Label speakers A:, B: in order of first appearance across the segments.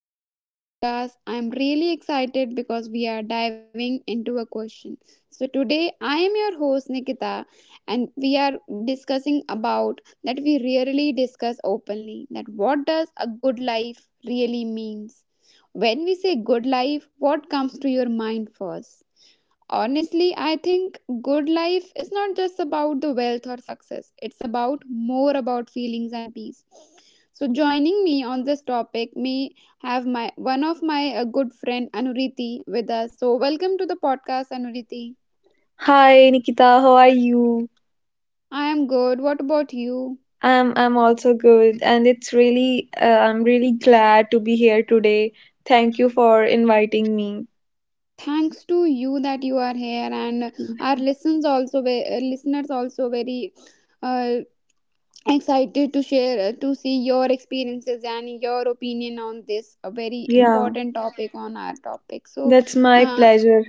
A: today's podcast. I'm really excited because we are diving into a question. So, today I am your host Nikita and we are discussing about that we rarely discuss openly that what does a good life really means. When we say good life, what comes to your mind first? Honestly, I think good life is not just about the wealth or success. It's about more about feelings and peace. So joining me on this topic may have my one of my good friend Anuriti with us. So welcome to the podcast Anuriti.
B: Hi Nikita, how are you?
A: I am good. What about you?
B: I'm also good, and it's really I'm really glad to be here today. Thank you for inviting me.
A: Thanks to you that you are here and our listeners also listeners also very uh, excited to share to see your experiences and your opinion on this a very
B: Yeah,
A: important topic on our topic. So
B: that's my
A: uh,
B: pleasure.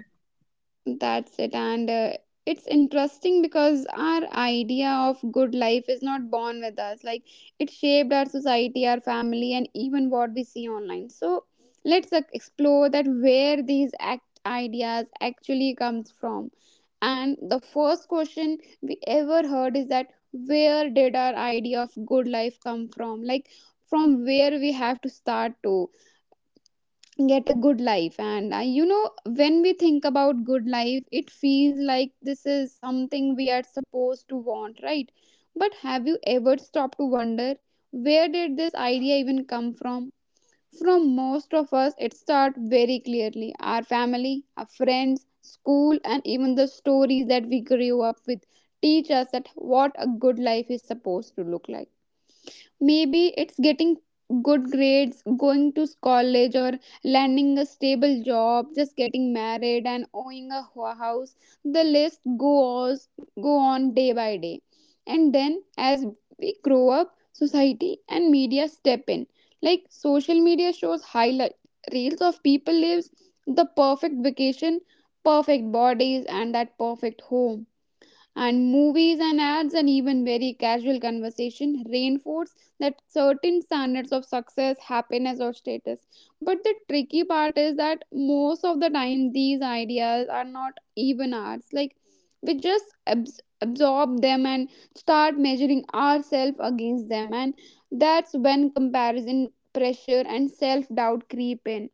A: that's it, and it's interesting because our idea of good life is not born with us, like it shaped our society, our family, and even what we see online. So let's explore that where these act ideas actually comes from, and the first question we ever heard is that where did our idea of good life come from? Like from where we have to start to get a good life. And you know, when we think about good life, it feels like this is something we are supposed to want, right? But have you ever stopped to wonder where did this idea even come from? From most of us, it starts very clearly. Our family, our friends, school, and even the stories that we grew up with teach us that what a good life is supposed to look like. Maybe it's getting good grades, going to college, or landing a stable job, just getting married and owning a house. The list goes go on day by day. And then as we grow up, society and media step in. Like social media shows highlight reels of people lives, the perfect vacation, perfect bodies, and that perfect home, and movies and ads and even very casual conversation reinforce that certain standards of success, happiness, or status. But the tricky part is that most of the time these ideas are not even ours. Like we just absorb them and start measuring ourselves against them, and that's when comparison, pressure, and self doubt creep in.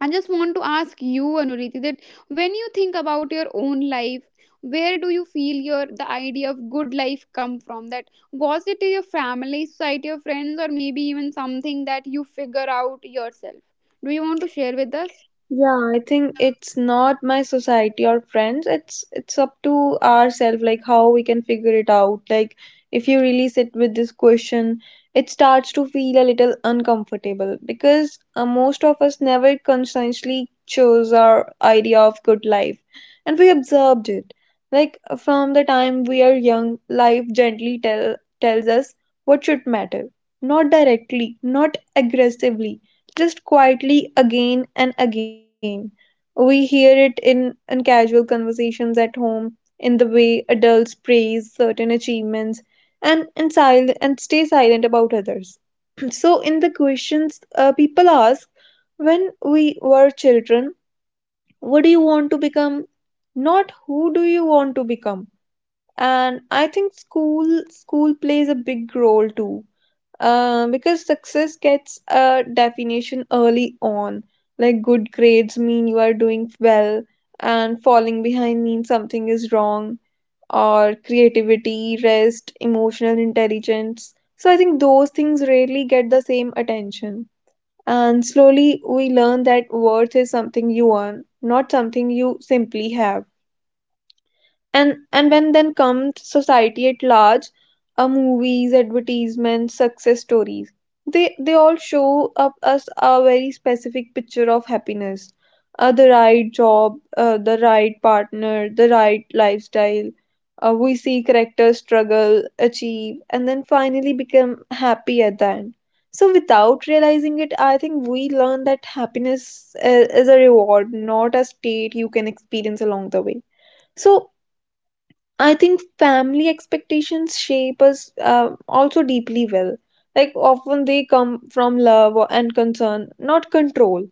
A: I just want to ask you, Anuriti, that when you think about your own life, where do you feel your the idea of good life come from? That was it your family, society, your friends, or maybe even something that you figure out yourself? Do you want to share with us?
B: Yeah, I think it's not my society or friends. It's up to ourselves, like how we can figure it out. Like if you really sit with this question, it starts to feel a little uncomfortable because most of us never consciously chose our idea of good life, and we observed it. Like from the time we are young, life gently tells us what should matter, not directly, not aggressively, just quietly again and again. We hear it in casual conversations at home, in the way adults praise certain achievements and stay silent about others. So in the questions people ask when we were children, what do you want to become? Not who do you want to become? And I think school plays a big role too, because success gets a definition early on. Like good grades mean you are doing well, and falling behind means something is wrong, or creativity, rest, emotional intelligence. So I think those things rarely get the same attention. And slowly we learn that worth is something you earn, not something you simply have. And and when then comes society at large, movies, advertisements, success stories. They all show up us a very specific picture of happiness, the right job, the right partner, the right lifestyle. Uh, we see characters struggle, achieve, and then finally become happy at the end. So without realizing it, I think we learn that happiness is a reward, not a state you can experience along the way. So I think family expectations shape us, also deeply well. Like often they come from love and concern, not control.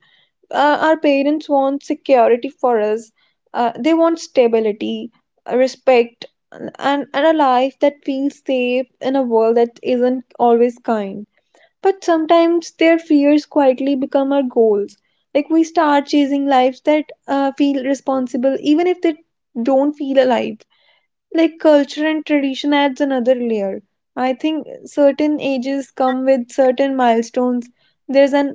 B: Our parents want security for us. They want stability, respect, and a life that feels safe in a world that isn't always kind. But sometimes their fears quietly become our goals. Like we start chasing lives that feel responsible, even if they don't feel alive. Like culture and tradition adds another layer. I think certain ages come with certain milestones. There's an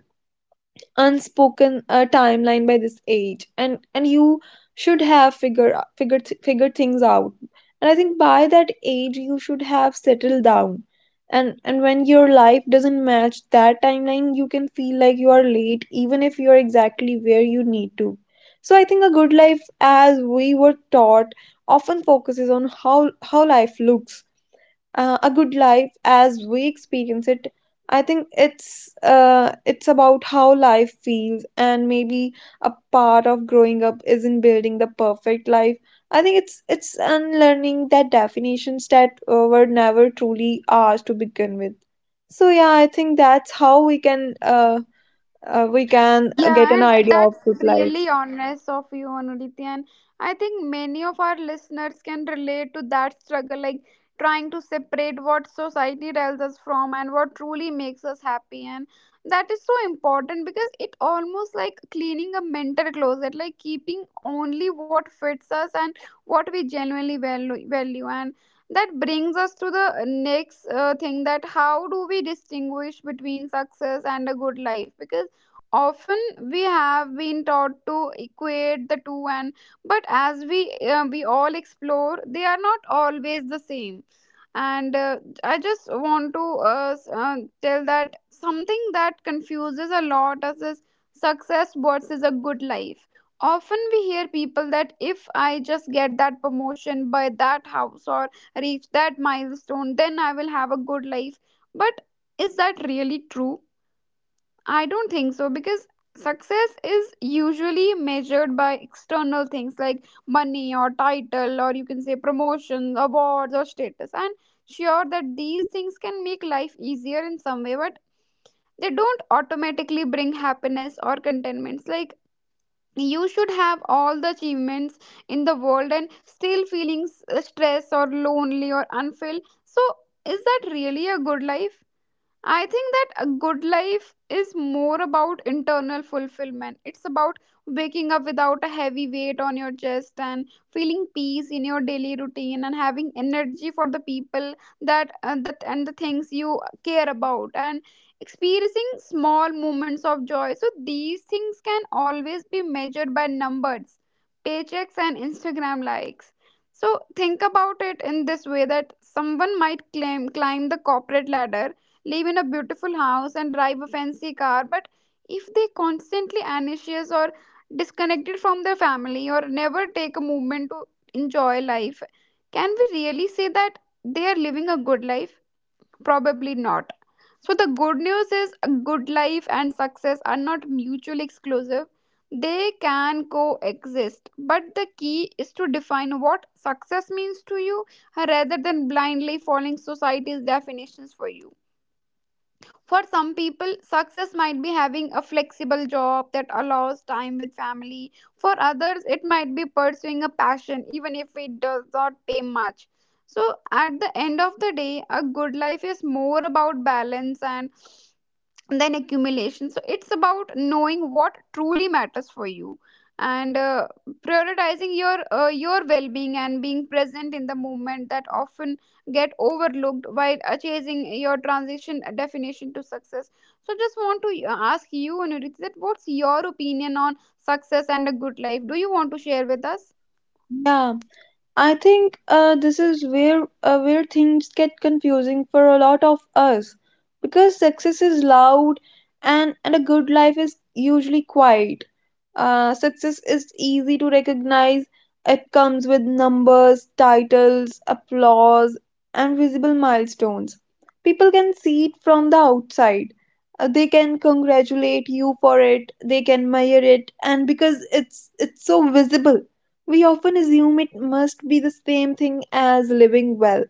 B: unspoken timeline. By this age, and you should have figured things out, and I think by that age you should have settled down. And when your life doesn't match that timeline, you can feel like you are late, even if you're exactly where you need to. So I think a good life, as we were taught, often focuses on how life looks. Uh, a good life as we experience it, I think it's, it's about how life feels. And maybe a part of growing up isn't building the perfect life. I think it's unlearning that definitions that were never truly ours to begin with. So yeah, I think that's how we can, uh, we can get
A: Yeah,
B: an
A: and
B: idea
A: that's
B: of good life.
A: really honest of you, Anuditi. And I think many of our listeners can relate to that struggle, like trying to separate what society tells us from and what truly makes us happy. And that is so important because it almost like cleaning a mental closet, like keeping only what fits us and what we genuinely value. Value. And that brings us to the next thing that how do we distinguish between success and a good life? Because often we have been taught to equate the two, and but as we all explore, they are not always the same. And I just want to uh, s- uh, tell that something that confuses a lot us is success versus a good life. Often we hear people that if I just get that promotion, buy that house, or reach that milestone, then I will have a good life. But is that really true? I don't think so, because success is usually measured by external things like money or title, or you can say promotion, awards, or status. And sure that these things can make life easier in some way, but they don't automatically bring happiness or contentments. Like you should have all the achievements in the world and still feeling stressed or lonely or unfulfilled. So is that really a good life? I think that a good life is more about internal fulfillment. It's about waking up without a heavy weight on your chest and feeling peace in your daily routine and having energy for the people that and the things you care about and experiencing small moments of joy. So these things can always be measured by numbers, paychecks, and Instagram likes. So think about it in this way that someone might claim climb the corporate ladder, live in a beautiful house, and drive a fancy car, but if they constantly anxious or disconnected from their family or never take a moment to enjoy life, can we really say that they are living a good life? Probably not. So the good news is a good life and success are not mutually exclusive. They can coexist, but the key is to define what success means to you rather than blindly following society's definitions for you. For some people, success might be having a flexible job that allows time with family. For others, it might be pursuing a passion, even if it does not pay much. So, at the end of the day, a good life is more about balance and than accumulation. So it's about knowing what truly matters for you, and prioritizing your well-being and being present in the moment that often get overlooked while chasing your transition definition to success. So just want to ask you, Anurit, that what's your opinion on success and a good life? Do you want to share with us?
B: Yeah, I think this is where things get confusing for a lot of us, because success is loud, and a good life is usually quiet. Success is easy to recognize. It comes with numbers, titles, applause, and visible milestones. People can see it from the outside. They can congratulate you for it. They can admire it, and because it's so visible, we often assume it must be the same thing as living well.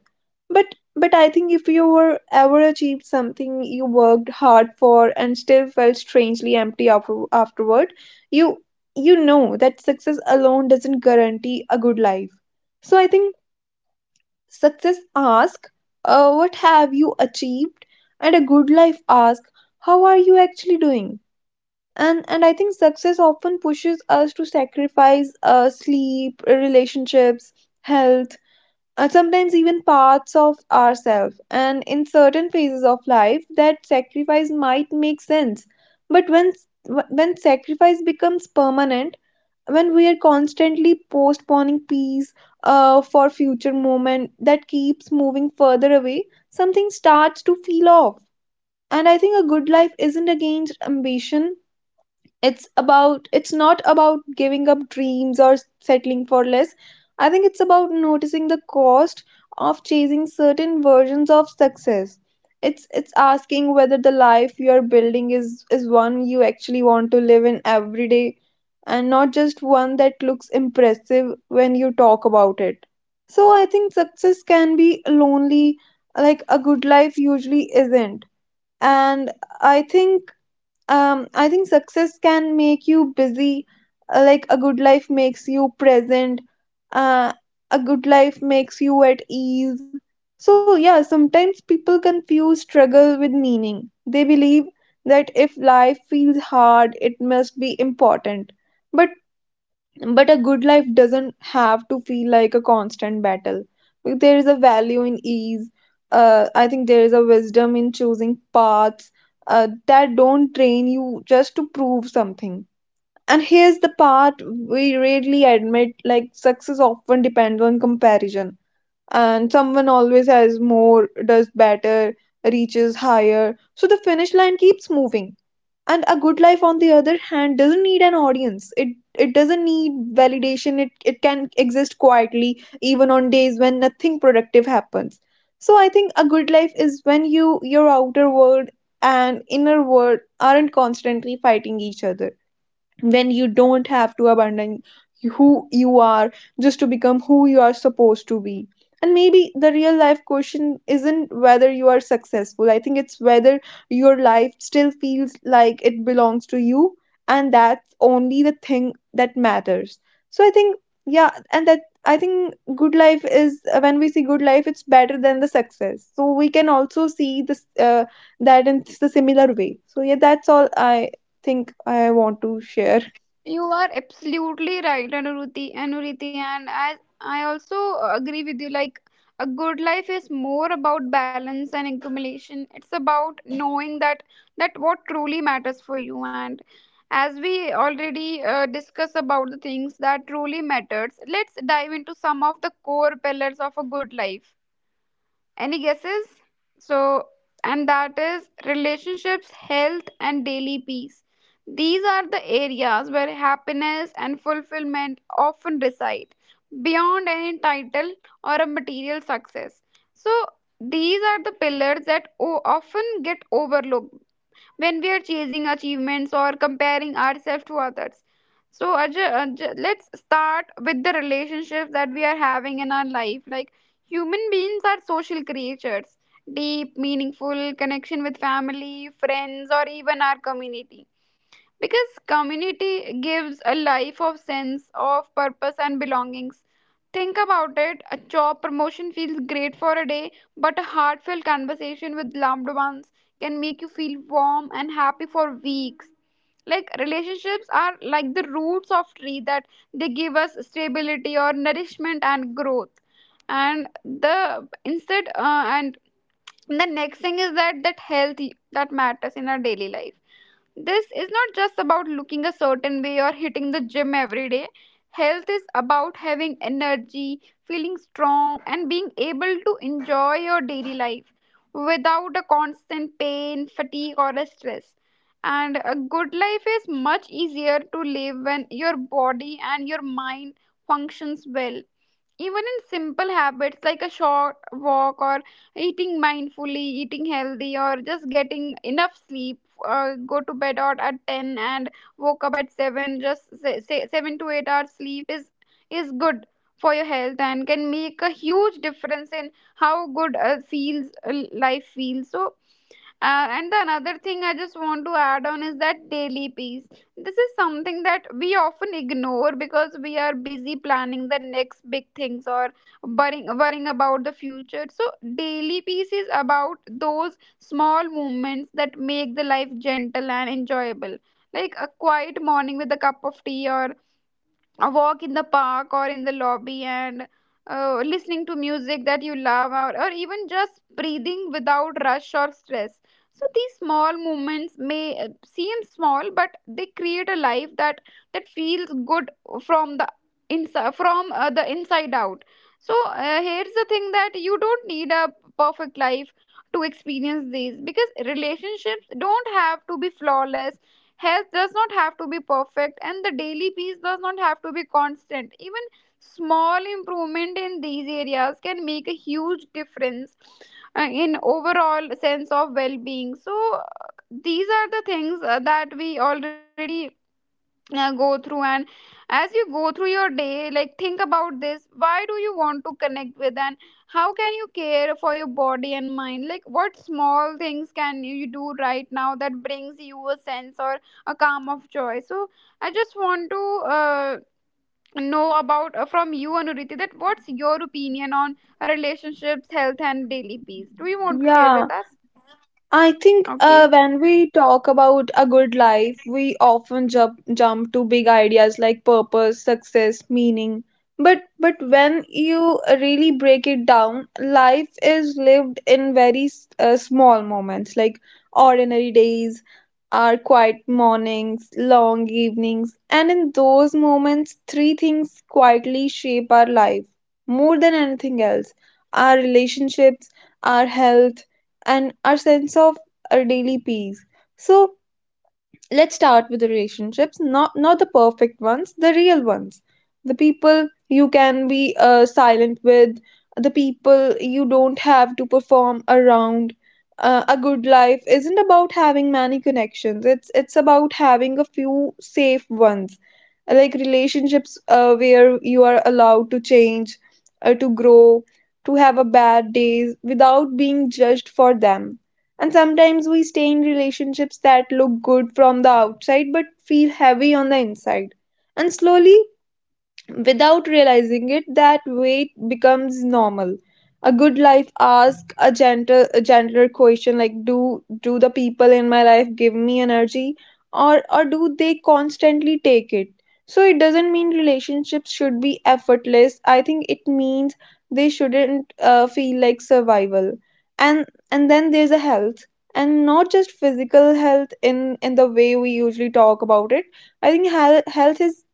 B: But but I think if you were ever achieved something you worked hard for and still felt strangely empty afterward, you you know that success alone doesn't guarantee a good life. So I think success asks, what have you achieved? And a good life asks, how are you actually doing? And I think success often pushes us to sacrifice, sleep, relationships, health, and sometimes even parts of ourselves. And in certain phases of life, that sacrifice might make sense. But when sacrifice becomes permanent, when we are constantly postponing peace, for future moment that keeps moving further away, something starts to feel off. And I think a good life isn't against ambition. It's not about giving up dreams or settling for less. I think it's about noticing the cost of chasing certain versions of success. It's asking whether the life you are building is one you actually want to live in every day, and not just one that looks impressive when you talk about it. So I think success can be lonely, like a good life usually isn't. And I think I think success can make you busy, like a good life makes you present, uh, a good life makes you at ease. So yeah, sometimes people confuse struggle with meaning. They believe that if life feels hard, it must be important. But but a good life doesn't have to feel like a constant battle. Like, there is a value in ease. I think there is a wisdom in choosing paths that don't train you just to prove something. And here's the part we rarely admit, like, success often depends on comparison. And someone always has more, does better, reaches higher. So the finish line keeps moving, and a good life on the other hand doesn't need an audience. It doesn't need validation. It can exist quietly, even on days when nothing productive happens. So I think a good life is when you your outer world and inner world aren't constantly fighting each other, when you don't have to abandon who you are just to become who you are supposed to be. And maybe the real life question isn't whether you are successful. I think it's whether your life still feels like it belongs to you, and that's only the thing that matters. So I think, yeah, and that, I think good life is when we see good life, it's better than the success, so we can also see this, that in the similar way. So yeah, that's all I think I want to share.
A: You are absolutely right, Anuruti. Anuruti, and as I also agree with you. Like a good life is more about balance and accumulation. It's about knowing that that what truly matters for you. And as we already discussed about the things that truly matters, let's dive into some of the core pillars of a good life. Any guesses? So, and that is relationships, health, and daily peace. These are the areas where happiness and fulfillment often reside, beyond any title or a material success. So, these are the pillars that often get overlooked when we are chasing achievements or comparing ourselves to others. So, Ajay, Ajay, let's start with the relationships that we are having in our life. Like, human beings are social creatures, deep, meaningful connection with family, friends, or even our community, because community gives a life of sense of purpose and belongings. Think about it, a job promotion feels great for a day, but a heartfelt conversation with loved ones can make you feel warm and happy for weeks. Like relationships are like the roots of tree that they give us stability or nourishment and growth. And the instead and the next thing is that that health that matters in our daily life. This is not just about looking a certain way or hitting the gym every day. Health is about having energy, feeling strong, and being able to enjoy your daily life without a constant pain, fatigue, or a stress. And a good life is much easier to live when your body and your mind functions well, even in simple habits like a short walk, or eating mindfully, eating healthy, or just getting enough sleep. Go to bed or at 10 and woke up at 7, just say, say 7 to 8 hours sleep is good for your health, and can make a huge difference in how good feels life feels. So and the another thing I just want to add on is that daily peace. This is something that we often ignore because we are busy planning the next big things or worrying about the future. So, daily peace is about those small moments that make the life gentle and enjoyable. Like a quiet morning with a cup of tea, or a walk in the park or in the lobby, and listening to music that you love, or even just breathing without rush or stress. So these small movements may seem small, but they create a life that that feels good from the inside, from the inside out. So here's the thing that you don't need a perfect life to experience these, because relationships don't have to be flawless. Health does not have to be perfect, and the daily peace does not have to be constant. Even small improvement in these areas can make a huge difference in overall sense of well-being. These are the things that we already go through. And as you go through your day, like, think about this. Why do you want to connect with? And how can you care for your body and mind? Like, what small things can you do right now that brings you a sense or a calm of joy? So I just want to uh, know about from you, Anuriti, that what's your opinion on relationships, health and daily peace? Do you want to share
B: Yeah,
A: with us?
B: I think
A: Okay.
B: when we talk about a good life, we often jump to big ideas like purpose, success, meaning. But when you really break it down, life is lived in very small moments, like ordinary days, our quiet mornings, long evenings. And in those moments, three things quietly shape our life more than anything else: our relationships, our health, and our sense of our daily peace. So let's start with the relationships, not the perfect ones, the real ones, the people you can be silent with, the people you don't have to perform around. A good life isn't about having many connections. It's about having a few safe ones, like relationships where you are allowed to change, to grow, to have a bad days without being judged for them. And sometimes we stay in relationships that look good from the outside but feel heavy on the inside. And slowly, without realizing it, that weight becomes normal. A good life asks a gentler question, like, do the people in my life give me energy, or do they constantly take it? So it doesn't mean relationships should be effortless. I think it means they shouldn't feel like survival. And and then there's a health, and not just physical health in the way we usually talk about it. I think health is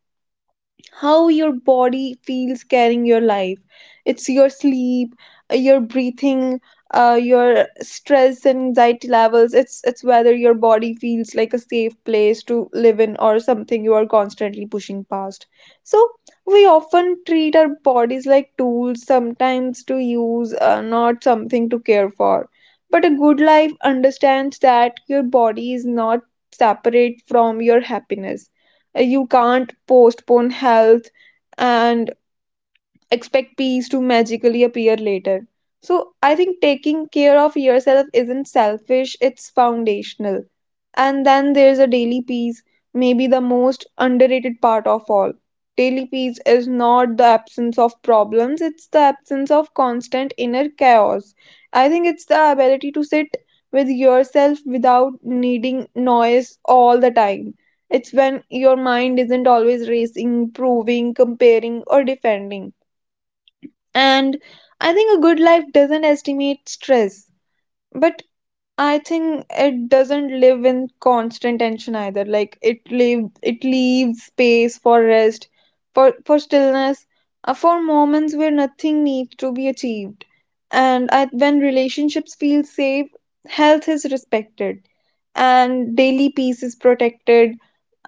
B: how your body feels carrying your life. It's your sleep, your breathing, your stress and anxiety levels. It's whether your body feels like a safe place to live in, or something you are constantly pushing past. So we often treat our bodies like tools sometimes to use, not something to care for. But a good life understands that your body is not separate from your happiness. You can't postpone health and expect peace to magically appear later. So I think taking care of yourself isn't selfish, it's foundational. And then there's a daily peace, maybe the most underrated part of all. Daily peace is not the absence of problems, it's the absence of constant inner chaos. I think it's the ability to sit with yourself without needing noise all the time. It's when your mind isn't always racing, proving, comparing, or defending. And I think a good life doesn't estimate stress, but I think it doesn't live in constant tension either. Like it leaves space for rest, for stillness, for moments where nothing needs to be achieved. And I, when relationships feel safe, health is respected, and daily peace is protected,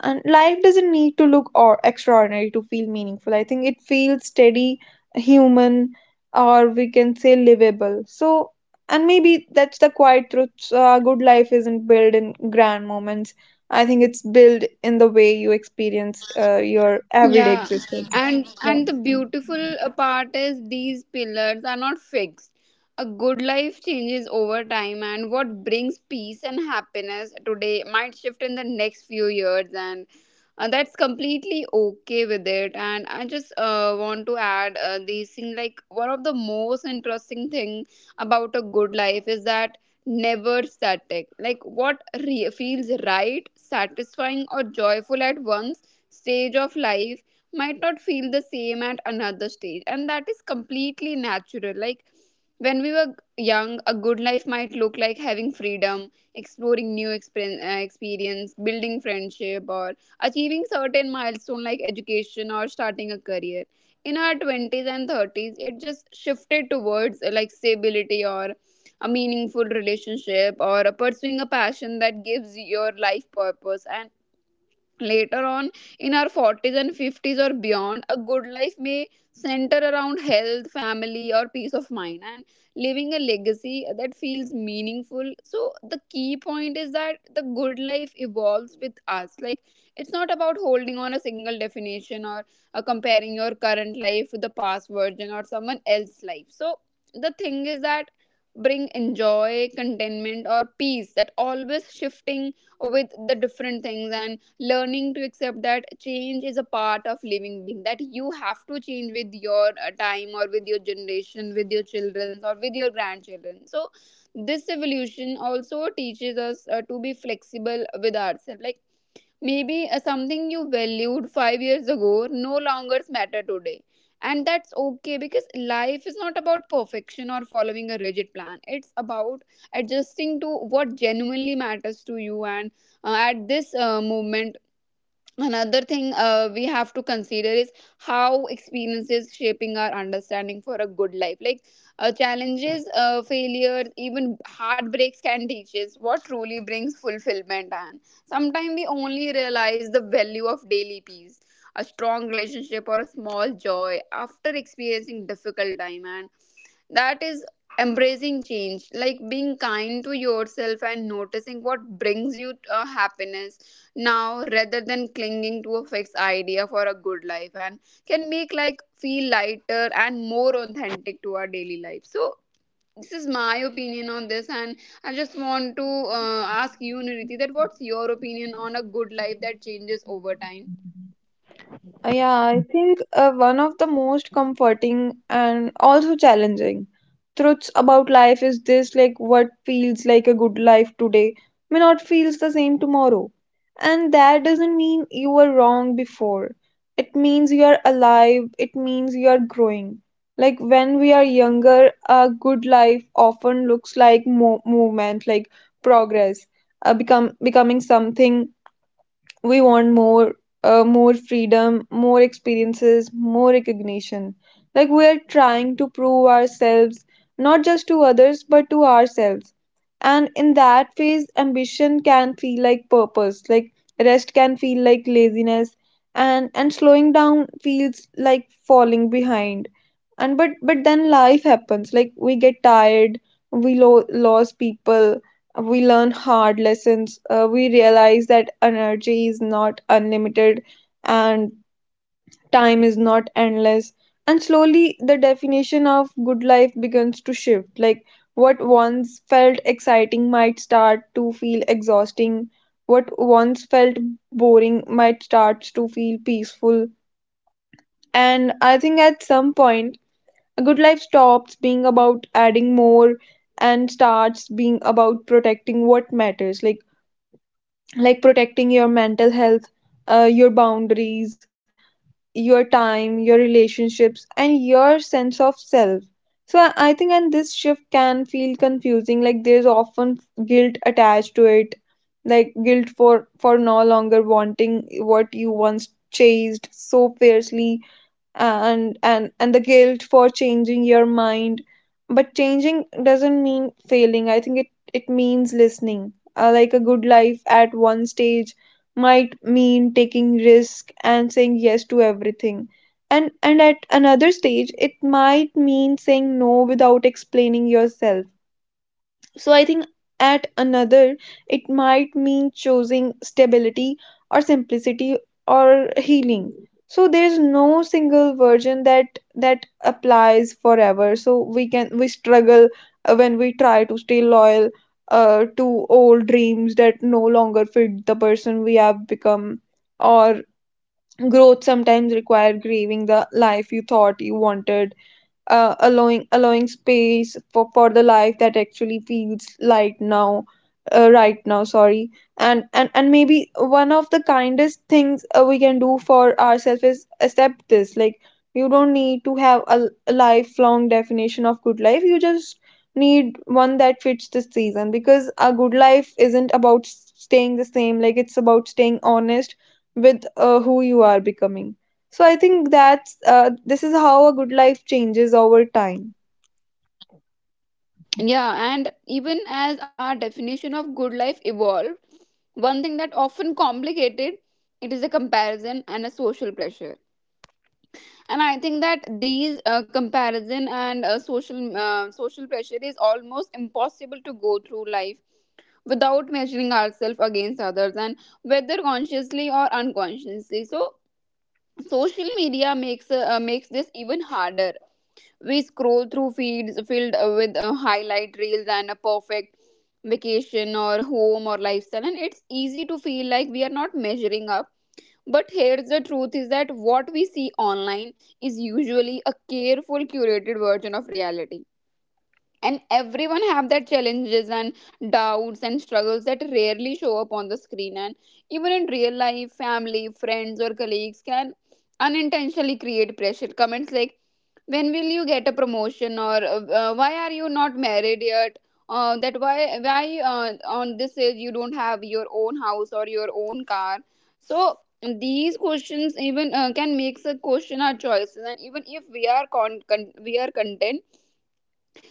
B: and life doesn't need to look or extraordinary to feel meaningful. I think it feels steady, human, or we can say livable. So, and maybe that's the quiet truth. Good life isn't built in grand moments. I think it's built in the way you experience your everyday
A: Yeah,
B: existence.
A: and
B: Yeah.
A: and the beautiful part is these pillars are not fixed. A good life changes over time and what brings peace and happiness today might shift in the next few years. And that's completely okay with it. And I just want to add this thing, like one of the most interesting thing about a good life is that never static. Like what feels right, satisfying or joyful at one stage of life might not feel the same at another stage, and that is completely natural. Like when we were young, a good life might look like having freedom, exploring new experience, building friendship, or achieving certain milestone like education or starting a career. In our 20s and 30s, it just shifted towards, like, stability or a meaningful relationship or a pursuing a passion that gives your life purpose. Later on, in our 40s and 50s or beyond, a good life may center around health, family, or peace of mind, and leaving a legacy that feels meaningful. So the key point is that the good life evolves with us. Like, it's not about holding on a single definition or comparing your current life with the past version or someone else's life. So the thing is that bring enjoy contentment or peace that always shifting with the different things, and learning to accept that change is a part of living being, that you have to change with your time or with your generation, with your children or with your grandchildren. So this evolution also teaches us to be flexible with ourselves. Like maybe something you valued 5 years ago no longer matter today, and that's okay, because life is not about perfection or following a rigid plan. It's about adjusting to what genuinely matters to you. And at this moment, another thing we have to consider is how experiences shaping our understanding for a good life. Like challenges, failures, even heartbreaks can teach us what truly brings fulfillment. And sometimes we only realize the value of daily peace, a strong relationship or a small joy, after experiencing difficult time. And that is embracing change, like being kind to yourself and noticing what brings you happiness now, rather than clinging to a fixed idea for a good life, and can make like feel lighter and more authentic to our daily life. So this is my opinion on this. And I just want to ask you, Niriti, that what's your opinion on a good life that changes over time?
B: Yeah, I think one of the most comforting and also challenging truths about life is this, like what feels like a good life today may not feels the same tomorrow. And that doesn't mean you were wrong before. It means you are alive, it means you are growing. Like when we are younger, a good life often looks like mo movement, like progress, become becoming something we want more, more freedom, more experiences, more recognition, like we are trying to prove ourselves, not just to others but to ourselves. And in that phase ambition can feel like purpose, like rest can feel like laziness, and slowing down feels like falling behind. And but but then life happens, like we get tired, we lose people, we learn hard lessons. We realize that energy is not unlimited and time is not endless, and slowly the definition of good life begins to shift. Like what once felt exciting might start to feel exhausting, what once felt boring might start to feel peaceful. And I think at some point a good life stops being about adding more and starts being about protecting what matters, like protecting your mental health, your boundaries, your time, your relationships, and your sense of self. So I think, and this shift can feel confusing. Like there's often guilt attached to it, like guilt for no longer wanting what you once chased so fiercely, and the guilt for changing your mind. But changing doesn't mean failing. I think it it means listening. Like a good life at one stage might mean taking risk and saying yes to everything, and at another stage it might mean saying no without explaining yourself. So I think at another, it might mean choosing stability or simplicity or healing. So there's no single version that that applies forever. So we struggle when we try to stay loyal to old dreams that no longer fit the person we have become. Or growth sometimes require grieving the life you thought you wanted, allowing space for the life that actually feels like now, right now, sorry. And maybe one of the kindest things we can do for ourselves is accept this, like you don't need to have a lifelong definition of good life, you just need one that fits the season. Because a good life isn't about staying the same, like it's about staying honest with who you are becoming. So I think that's this is how a good life changes over time.
A: Yeah, and even as our definition of good life evolved, one thing that often complicated it is a comparison and a social pressure. And I think that these comparison and social pressure is almost impossible to go through life without measuring ourselves against others, and whether consciously or unconsciously. So social media makes this even harder. We scroll through feeds filled with highlight reels and a perfect vacation or home or lifestyle, and it's easy to feel like we are not measuring. But here's the truth is that what we see online is usually a careful curated version of reality, and everyone have their challenges and doubts and struggles that rarely show up on the screen. And even in real life, family, friends or colleagues can unintentionally create pressure comments like, when will you get a promotion? Or why are you not married yet? That why On this age, you don't have your own house or your own car? So these questions even can make us question our choices, and even if we are we are content.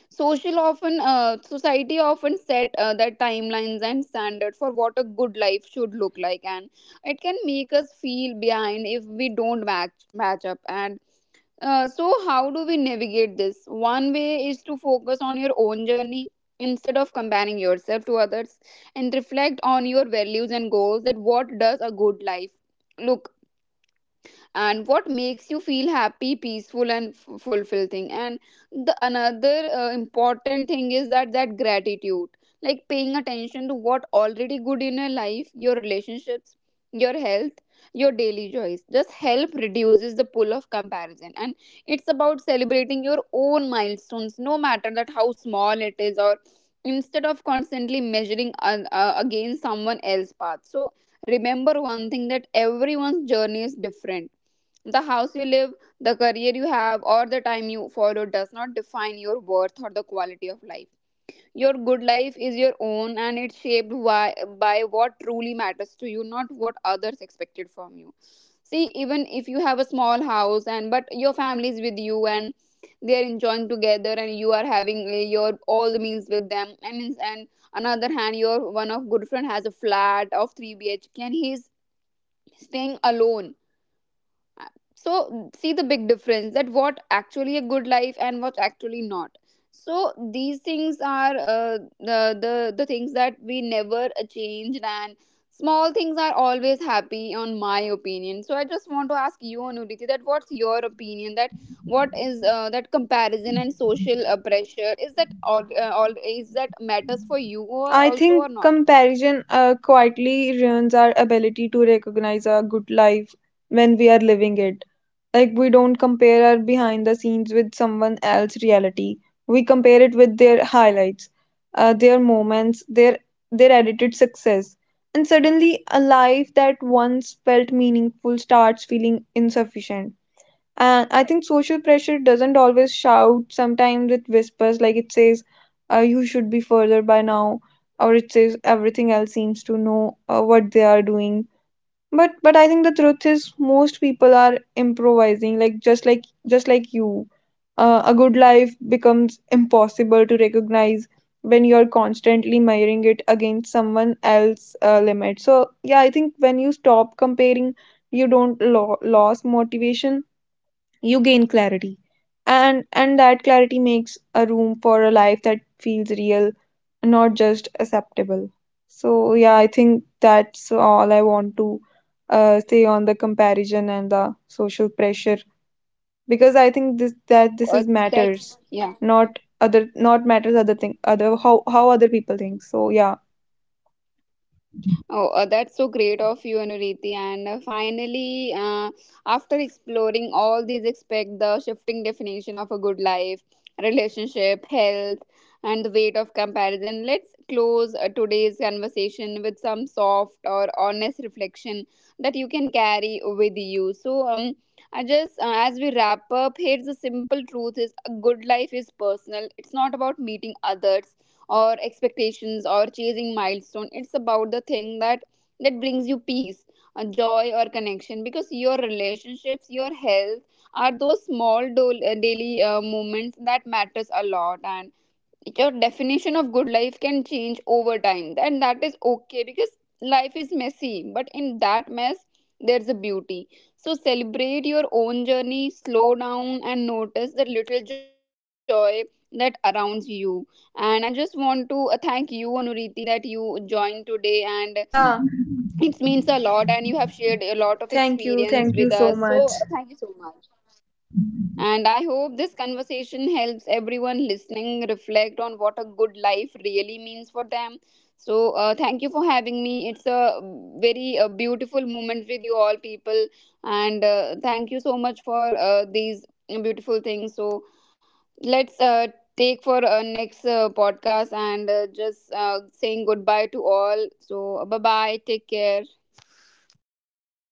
A: Social often Society often set their timelines and standards for what a good life should look like, and it can make us feel behind if we don't match up. And so how do we navigate this? One way is to focus on your own journey instead of comparing yourself to others, and reflect on your values and goals, that what does a good life look, and what makes you feel happy, peaceful and fulfilled thing. And the another important thing is that gratitude, like paying attention to what already good in your life. Your relationships, your health, your daily joys just help reduces the pull of comparison. And it's about celebrating your own milestones, no matter that how small it is, or instead of constantly measuring against someone else's path. So remember one thing, that everyone's journey is different. The house you live, the career you have, or the time you follow does not define your worth or the quality of life. Your good life is your own, and it's shaped by, what truly matters to you, not what others expected from you. See, even if you have a small house and but your family is with you and they are enjoying together, and you are having your all the meals with them. And another hand, your one of good friend has a flat of 3 bhk and he's staying alone. So see the big difference, that what actually a good life and what actually not. So these things are the things that we never changed, and small things are always happy on my opinion. So I just want to ask you, Anuditi, that what's your opinion, that what is that comparison and social pressure? Is that all is that matters for you or
B: I
A: also
B: think
A: or not?
B: comparison quietly ruins our ability to recognize a good life when we are living it. Like we don't compare our behind the scenes with someone else's reality. We compare it with their highlights, their moments, their edited success. And suddenly a life that once felt meaningful starts feeling insufficient. And I think social pressure doesn't always shout. Sometimes it whispers, like it says, you should be further by now, or it says everything else seems to know what they are doing. But I think the truth is most people are improvising, like just like you. A good life becomes impossible to recognize when you're constantly measuring it against someone else's limit. So yeah, I think when you stop comparing, you don't lose motivation, you gain clarity, and that clarity makes a room for a life that feels real, not just acceptable. So yeah, I think that's all I want to say on the comparison and the social pressure, because I think this that
A: Oh,
B: this is
A: that's
B: matters,
A: yeah.
B: not other, not matters other thing, other how other people think. So yeah.
A: Oh, that's so great of you, Anuriti. And finally, after exploring all these aspects, the shifting definition of a good life, relationship, health, and the weight of comparison, let's close today's conversation with some soft or honest reflection that you can carry with you. So, I just as we wrap up, here's the simple truth: is a good life is personal. It's not about meeting others or expectations or chasing milestone. It's about the thing that brings you peace, a joy or connection, because your relationships, your health are those small daily moments that matters a lot. And your definition of good life can change over time, and that is okay, because life is messy, but in that mess there's a beauty. So celebrate your own journey, slow down and notice the little joy that surrounds you. And I just want to thank you, Anuriti, that you joined today, and
B: Yeah,
A: it means a lot, and you have shared a lot of
B: thank you
A: experience with
B: thank you
A: us.
B: so
A: So
B: much.
A: thank you so much. And I hope this conversation helps everyone listening reflect on what a good life really means for them. So, thank you for having me. It's a very beautiful moment with you all, people. And thank you so much for these beautiful things. So let's take for next podcast and just saying goodbye to all. So, bye bye. Take care.